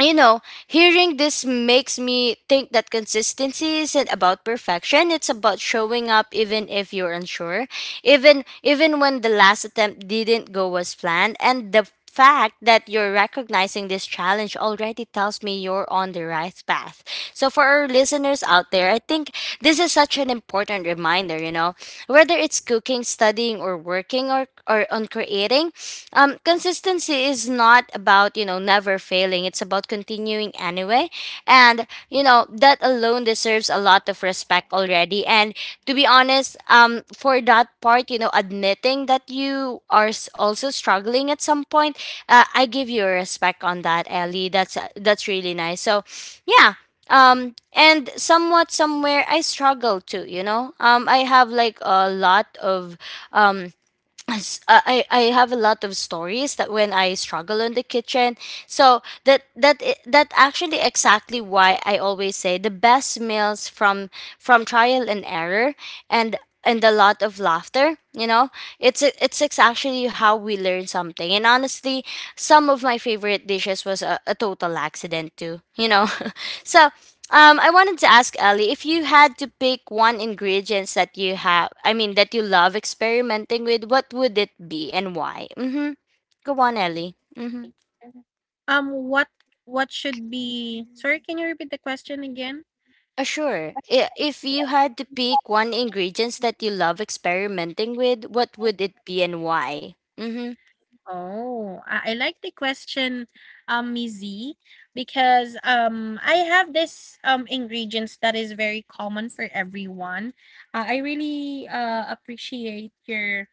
Speaker 1: you know, hearing this makes me think that consistency isn't about perfection. It's about showing up even if you're unsure, even when the last attempt didn't go as planned. And the fact that you're recognizing this challenge already tells me you're on the right path. So for our listeners out there, I think this is such an important reminder, you know, whether it's cooking, studying or working or on creating, consistency is not about, you know, never failing, it's about continuing anyway. And you know that alone deserves a lot of respect already. And to be honest, for that part, you know, admitting that you are also struggling at some point, I give you a respect on that, Ellie. That's really nice. So yeah. And somewhat somewhere I struggle too, you know. I have like a lot of, um I have a lot of stories that when I struggle in the kitchen. So that actually exactly why I always say the best meals from trial and error, and and a lot of laughter. You know, it's actually how we learn something. And honestly, some of my favorite dishes was a total accident too. You know, so I wanted to ask Ellie, if you had to pick one ingredients that you have, I mean, that you love experimenting with, what would it be and why? Mm-hmm. Go on, Ellie. Mm-hmm.
Speaker 2: Mhm. Um, what what should be? Sorry, can you repeat the question again?
Speaker 1: Sure. If you had to pick one ingredients that you love experimenting with, what would it be and why? Mm-hmm.
Speaker 2: Oh, I like the question, Mizi, because I have this ingredients that is very common for everyone. I really appreciate your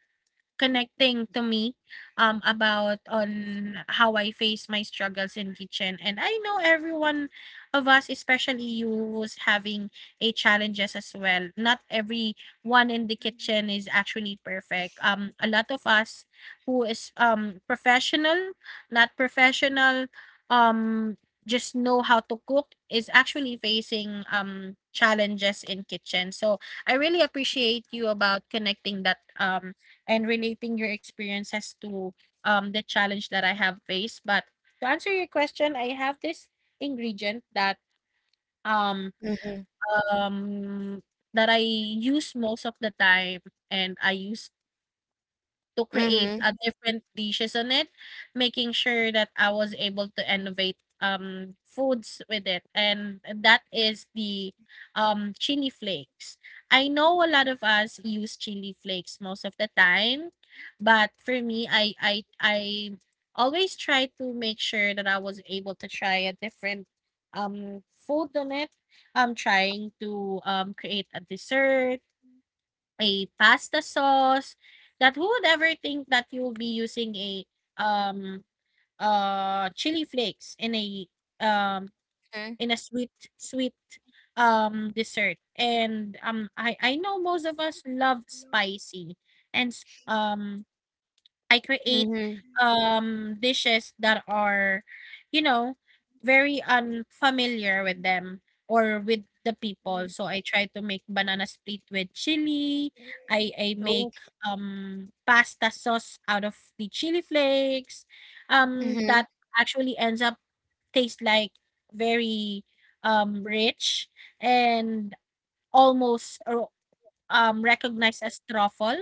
Speaker 2: connecting to me about on how I face my struggles in kitchen, and I know everyone of us, especially you, who's having a challenges as well. Not every one in the kitchen is actually perfect. A lot of us who is professional, not professional, um just know how to cook, is actually facing challenges in kitchen. So I really appreciate you about connecting that and relating your experiences to the challenge that I have faced. But to answer your question, I have this ingredient that um
Speaker 1: Mm-hmm.
Speaker 2: um that I use most of the time, and I use to create
Speaker 1: Mm-hmm.
Speaker 2: a different dishes on it, making sure that I was able to innovate foods with it, and that is the chili flakes. I know a lot of us use chili flakes most of the time, but for me, I always try to make sure that I was able to try a different food on it. I'm trying to create a dessert, a pasta sauce, that who would ever think that you'll be using a, um, chili flakes um, in a sweet, dessert? And, I know most of us love spicy and s I create,
Speaker 1: Mm-hmm.
Speaker 2: dishes that are, you know, very unfamiliar with them or with the people. So I try to make banana split with chili. I make, pasta sauce out of the chili flakes,
Speaker 1: Mm-hmm.
Speaker 2: that actually ends up taste like very, rich and almost or recognized as truffle.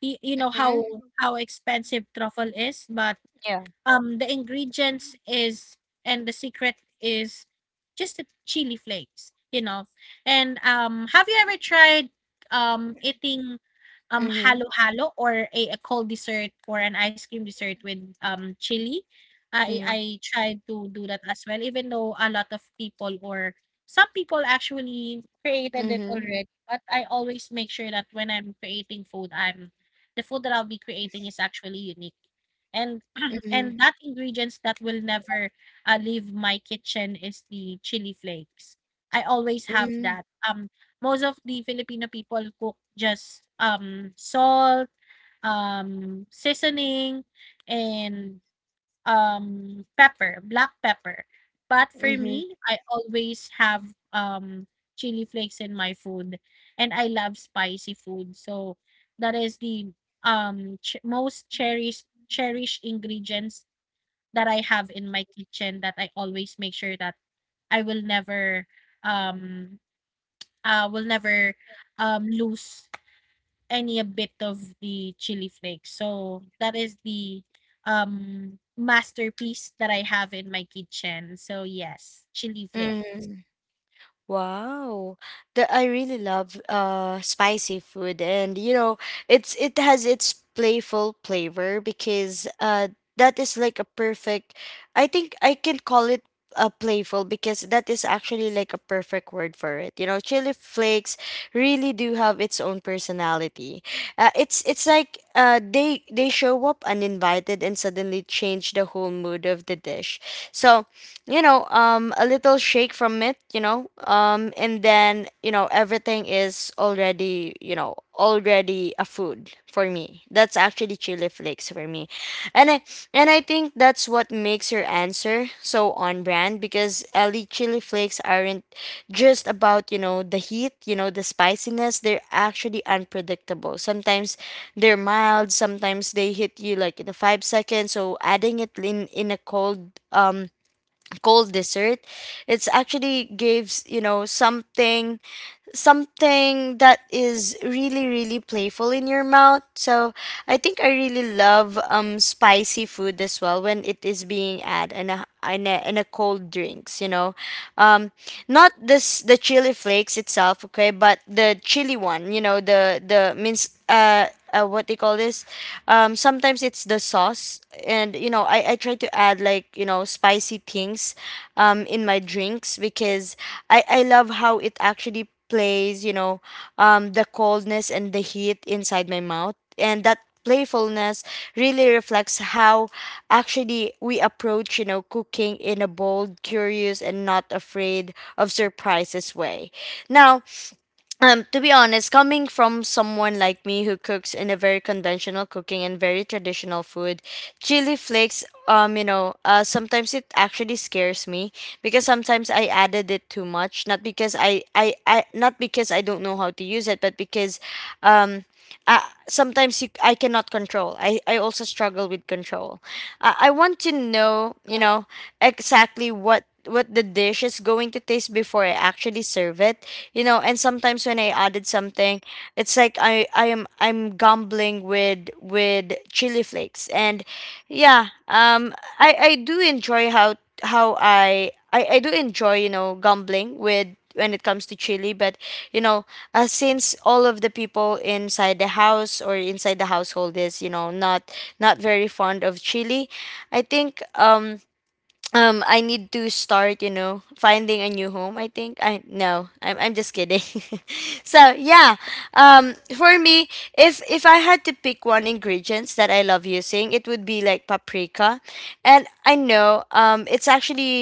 Speaker 2: You know how expensive truffle is, but
Speaker 1: Yeah.
Speaker 2: The ingredients is and the secret is just the chili flakes, you know. And have you ever tried eating
Speaker 1: Mm-hmm.
Speaker 2: halo-halo or a cold dessert or an ice cream dessert with chili? I
Speaker 1: Yeah.
Speaker 2: I tried to do that as well, even though a lot of people or some people actually created it
Speaker 1: Mm-hmm.
Speaker 2: already. But I always make sure that when I'm creating food, I'm the food that I'll be creating is actually unique. And
Speaker 1: Mm-hmm.
Speaker 2: and that ingredients that will never, leave my kitchen is the chili flakes. I always have that. Most of the Filipino people cook just, salt, seasoning, and, pepper, black pepper. But for
Speaker 1: Mm-hmm.
Speaker 2: me, I always have, chili flakes in my food, and I love spicy food. So that is the, most cherished ingredients that I have in my kitchen, that I always make sure that I um will never lose any a bit of the chili flakes. So that is the masterpiece that I have in my kitchen. So yes, chili flake.
Speaker 1: Mm-hmm. Wow, that I really love spicy food, and you know, it has its playful flavor because that is like a perfect. I think I can call it a playful because that is actually like a perfect word for it. You know, chili flakes really do have its own personality. It's like they show up uninvited and suddenly change the whole mood of the dish. So you know, a little shake from it, you know, and then you know everything is already, you know, already a food for me. That's actually chili flakes for me. And i and i think that's what makes your answer so on brand, because, Ellie, chili flakes aren't just about, you know, the heat, you know, the spiciness. They're actually unpredictable. Sometimes they're mild, sometimes they hit you like in 5 seconds. So adding it in a cold dessert, it's actually gives, you know, something, something that is really really playful in your mouth. So I think I really love spicy food as well when it is being added in a cold drinks, you know. um Not this the chili flakes itself, okay, but the chili one, you know, the means, what they call this, sometimes it's the sauce. And you know I try to add like, you know, spicy things in my drinks, because I love how it actually plays, you know, the coldness and the heat inside my mouth. And that playfulness really reflects how actually we approach, you know, cooking in a bold, curious, and not afraid of surprises way. Now, to be honest, coming from someone like me who cooks in a very conventional cooking and very traditional food, chili flakes, you know, sometimes it actually scares me, because sometimes I added it too much. Not because I not because I don't know how to use it, but because, um, uh, sometimes you, I cannot control. I also struggle with control. I want to know, you know, exactly what the dish is going to taste before I actually serve it, you know. And sometimes when I added something, it's like I am, I'm gambling with chili flakes. And yeah, I enjoy how I do enjoy, you know, gambling with, when it comes to chili. But you know, since all of the people inside the house, or inside the household is, you know, not very fond of chili, I think I need to start, you know, finding a new home. I think I No, I'm just kidding. So yeah, for me, if I had to pick one ingredients that I love using, it would be like paprika. And I know it's,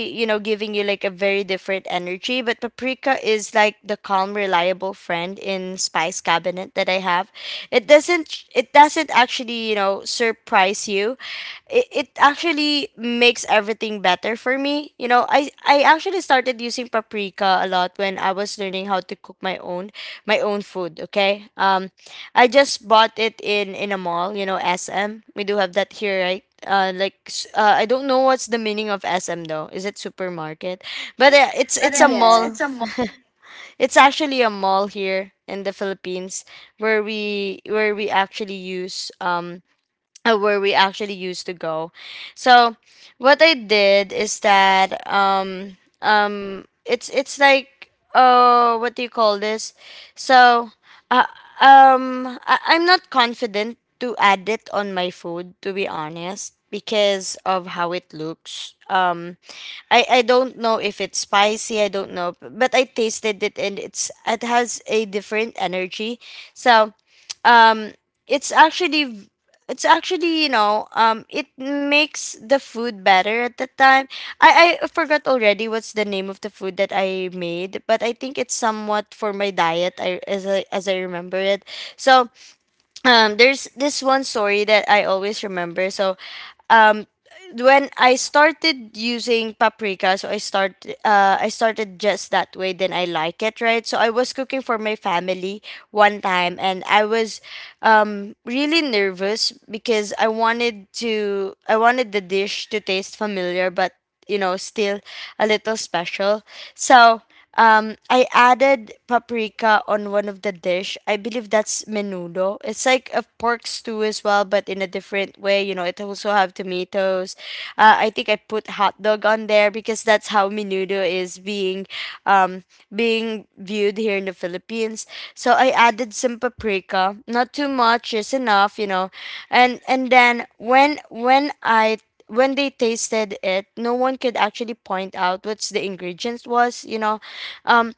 Speaker 1: you know, giving you like a different energy, but paprika is like the calm, reliable friend in spice cabinet that I have. It doesn't actually, you know, surprise you. It actually makes everything better for me. You know, I actually started using paprika a lot when I was learning how to cook my own, my own food, okay? I just bought it in a mall, you know, SM. We do have that here, right? Like I don't know what's the meaning of SM though. Is it supermarket? But it's a
Speaker 2: But
Speaker 1: mall.
Speaker 2: it's a Yes. mall,
Speaker 1: It's actually a mall here in the Philippines, where we actually use where we actually used to go. So what I did is that it's like uh, what do you call this? So uh, I'm not confident to add it on my food, to be honest, because of how it looks. I don't know if it's spicy, I don't know, but I tasted it and it has a different energy. So um it's actually it's actually, you know, it makes the food better. At the time I forgot already what's the name of the food that I made, but I think it's somewhat for my diet, I, as I remember it. So there's this one story that I always remember. So um when I started using paprika, so I started just that way, then I like it, right? So I was cooking for my family one time and I was really nervous because I wanted the dish to taste familiar, but you know still a little special. So I added paprika on one of the dish. I believe that's menudo. It's like a pork stew as well, but in a different way. You know, it also have tomatoes I think I put hot dog on there because that's how menudo is being um, being viewed here in the Philippines. So I added some paprika, not too much, just enough, you know. And and when I when they tasted it, no one could actually point out what's the ingredients was, you know. Um,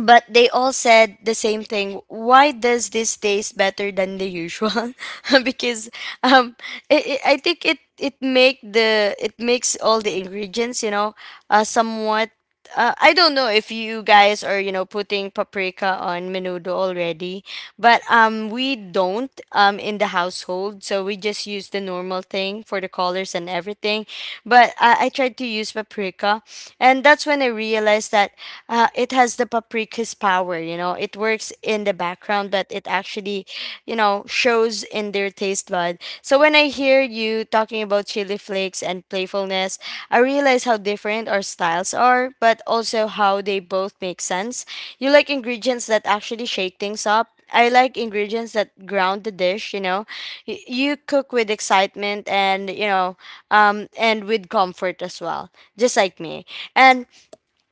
Speaker 1: but they all said the same thing, why does this taste better than the usual? Because um I think it makes all the ingredients, you know, somewhat. I don't know if you guys are, you know, putting paprika on menudo already, but we don't, in the household, so we just use the normal thing for the colors and everything, but I tried to use paprika, and that's when I realized that it has the paprika his power, you know, it works in the back, but it actually, you know, shows in their blood. So when I heard you talking about chili flakes and playfulness, I realize how different our styles are but also how they both make sense. You like ingredients that actually shake things up, I like ingredients that ground the dish, you know. You cook with excitement and, you know, and with comfort as well, just like me. And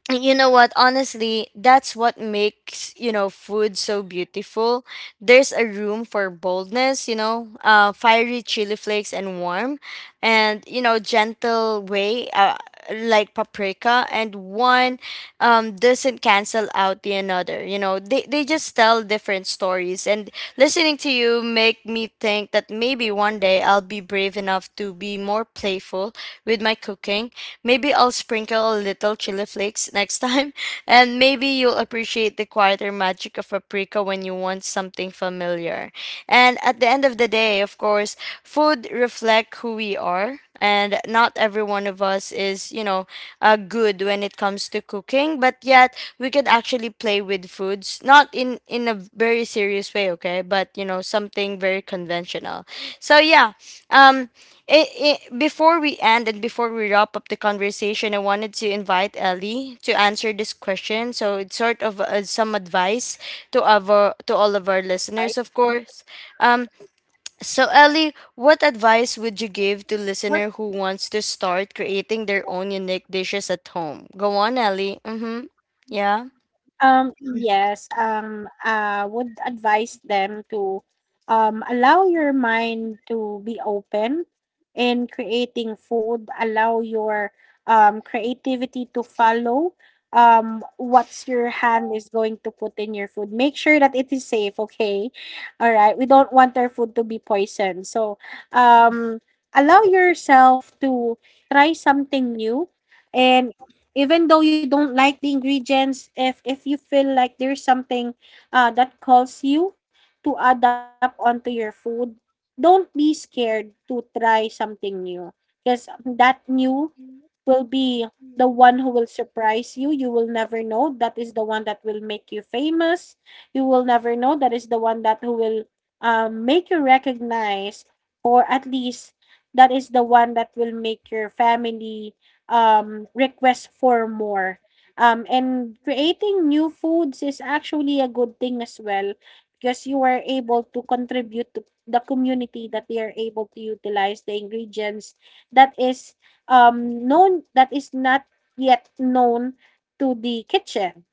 Speaker 1: and you know what, honestly, that's what makes, you know, food so beautiful. There's a room for boldness, you know, fiery chili flakes and warm and, you know, gentle way, like paprika, and one doesn't cancel out the another, you know, they just tell different stories. And listening to you make me think that maybe one day I'll be brave enough to be more playful with my cooking. Maybe I'll sprinkle a little chili flakes next time, and maybe you'll appreciate the quieter magic of paprika when you want something familiar. And at the end of the day, of course, food reflect who we are, and not every one of us is, you know, good when it comes to cooking, but yet we could actually play with foods, not in a very serious way, okay, but you know, something very conventional. So yeah, um it, before we end and before we wrap up the conversation, I wanted to invite Ellie to answer this question. So it's sort of some advice to our to
Speaker 2: right?
Speaker 1: all of our listeners, of course. Um, so Ellie, what advice would you
Speaker 2: What
Speaker 1: give to listener who wants to start creating their own unique dishes at home? Go on, Ellie. Mm-hmm. Yeah.
Speaker 2: Yes, would advise them to allow your mind to be open in creating food, allow your creativity to follow what's your hand is going to put in your food. Make sure that it is safe, okay? All right, we don't want our food to be poisoned. So, um, allow yourself to try something new. And even though you don't like the ingredients, if you feel like there's something that calls you to adapt onto your food, don't be scared to try something new, because that new will be the one who will surprise you. You will never know that is the one that will make you famous. You will never know that is the one that who will make you recognize, or at least that is the one that will make your family request for more. And creating new foods is actually a good thing as well, because you are able to contribute to the community, that they are able to utilize the ingredients that is known, that is not yet known to the kitchen.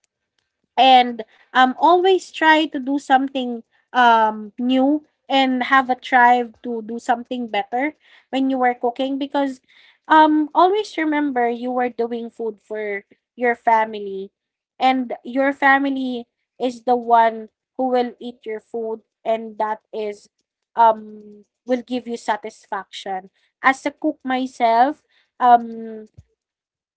Speaker 2: And always try to do something new, and have a drive to do something better when you were cooking, because always remember, you were doing food for your family, and your family is the one who will eat your food, and that is will give you satisfaction. As a cook myself, um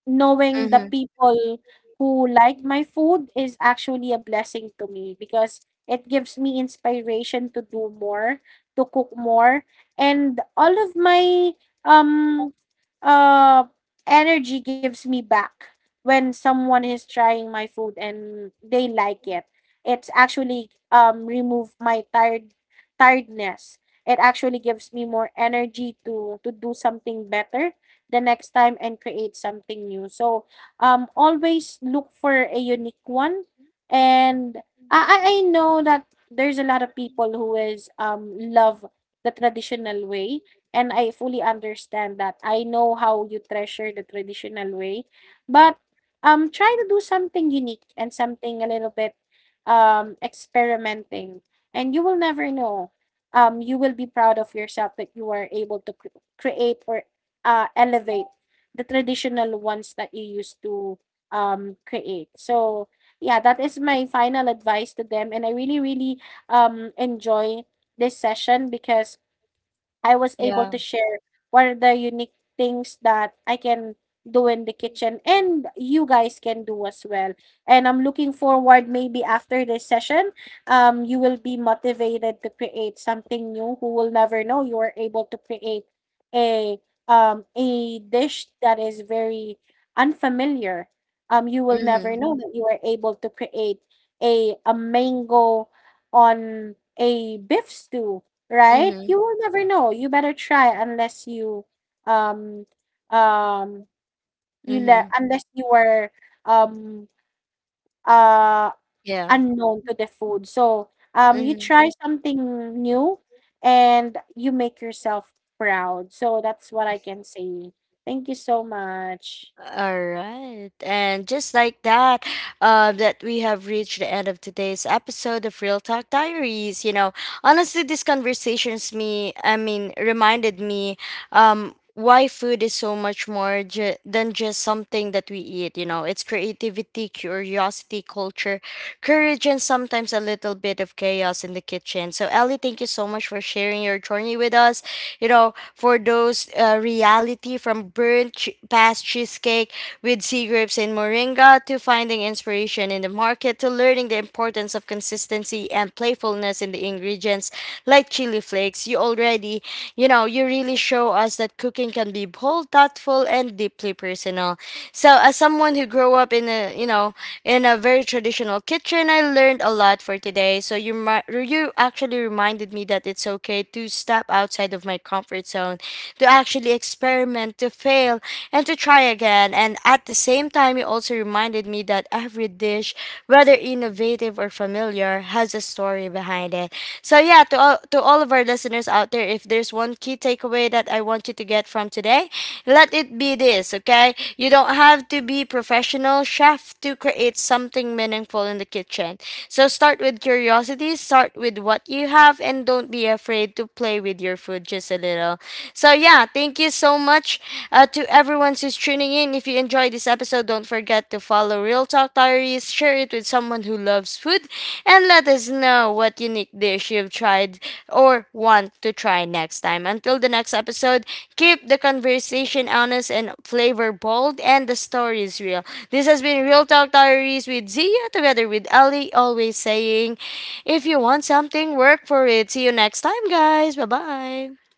Speaker 2: knowing the
Speaker 1: Mm-hmm.
Speaker 2: people who like my food is actually a blessing to me, because it gives me inspiration to do more, to cook more, and all of my um uh energy gives me back when someone is trying my food and they like it. It's actually remove my tiredness. It actually gives me more energy to do something better the next time and create something new. So always look for a unique one. And I know that there's a lot of people who is love the traditional way, and I fully understand that. I know how you treasure the traditional way, but try to do something unique and something a little bit experimenting, and you will never know you will be proud of yourself that you are able to create or elevate the traditional ones that you used to create. So, yeah, that is my final advice to them. And I really, really enjoy this session because I was able
Speaker 1: Yeah.
Speaker 2: to share what are the unique things that I can do in the kitchen, and you guys can do as well. And I'm looking forward maybe after this session, you will be motivated to create something new. Who will never know you are able to create a a dish that is very unfamiliar. You will never
Speaker 1: Mm-hmm.
Speaker 2: know that you are able to create a mango on a beef stew, right?
Speaker 1: Mm-hmm.
Speaker 2: You will never know. You better try unless you um um you let,
Speaker 1: Mm-hmm.
Speaker 2: unless you were um uh
Speaker 1: Yeah.
Speaker 2: unknown to the food. So you
Speaker 1: Mm-hmm.
Speaker 2: try something new and you make yourself proud. So that's what I can say. Thank you so much.
Speaker 1: All right. And just like that, that we have reached the end of today's episode of Real Talk Diaries. You know, honestly, these conversations me, I mean, reminded me, why food is so much more than just something that we eat. You know, it's creativity, curiosity, culture, courage, and sometimes a little bit of chaos in the kitchen. So, Ellie, thank you so much for sharing your journey with us. You know, for those reality from burnt past cheesecake with sea grapes and moringa to finding inspiration in the market to learning the importance of consistency and playfulness in the ingredients like chili flakes. You already, you know, you really show us that cooking can be bold, thoughtful, and deeply personal. So as someone who grew up in a, you know, in a very traditional kitchen, I learned a lot for today. So you actually reminded me that it's okay to step outside of my comfort zone to actually experiment, to fail, and to try again. And at the same time, you also reminded me that every dish, whether innovative or familiar, has a story behind it. So, yeah, to all of our listeners out there, if there's one key takeaway that I want you to get from today, let it be this, okay? You don't have to be professional chef to create something meaningful in the kitchen. So start with curiosity, start with what you have and don't be afraid to play with your food just a little. So yeah, thank you so much to everyone who's tuning in. If you enjoyed this episode, don't forget to follow Real Talk Diaries, share it with someone who loves food, and let us know what unique dish you've tried or want to try next time. Until the next episode, keep the conversation honest and flavor bold and the stories real. This has been Real Talk Diaries with Zia together with Ali, always saying, if you want something, work for it. See you next time, guys. Bye bye.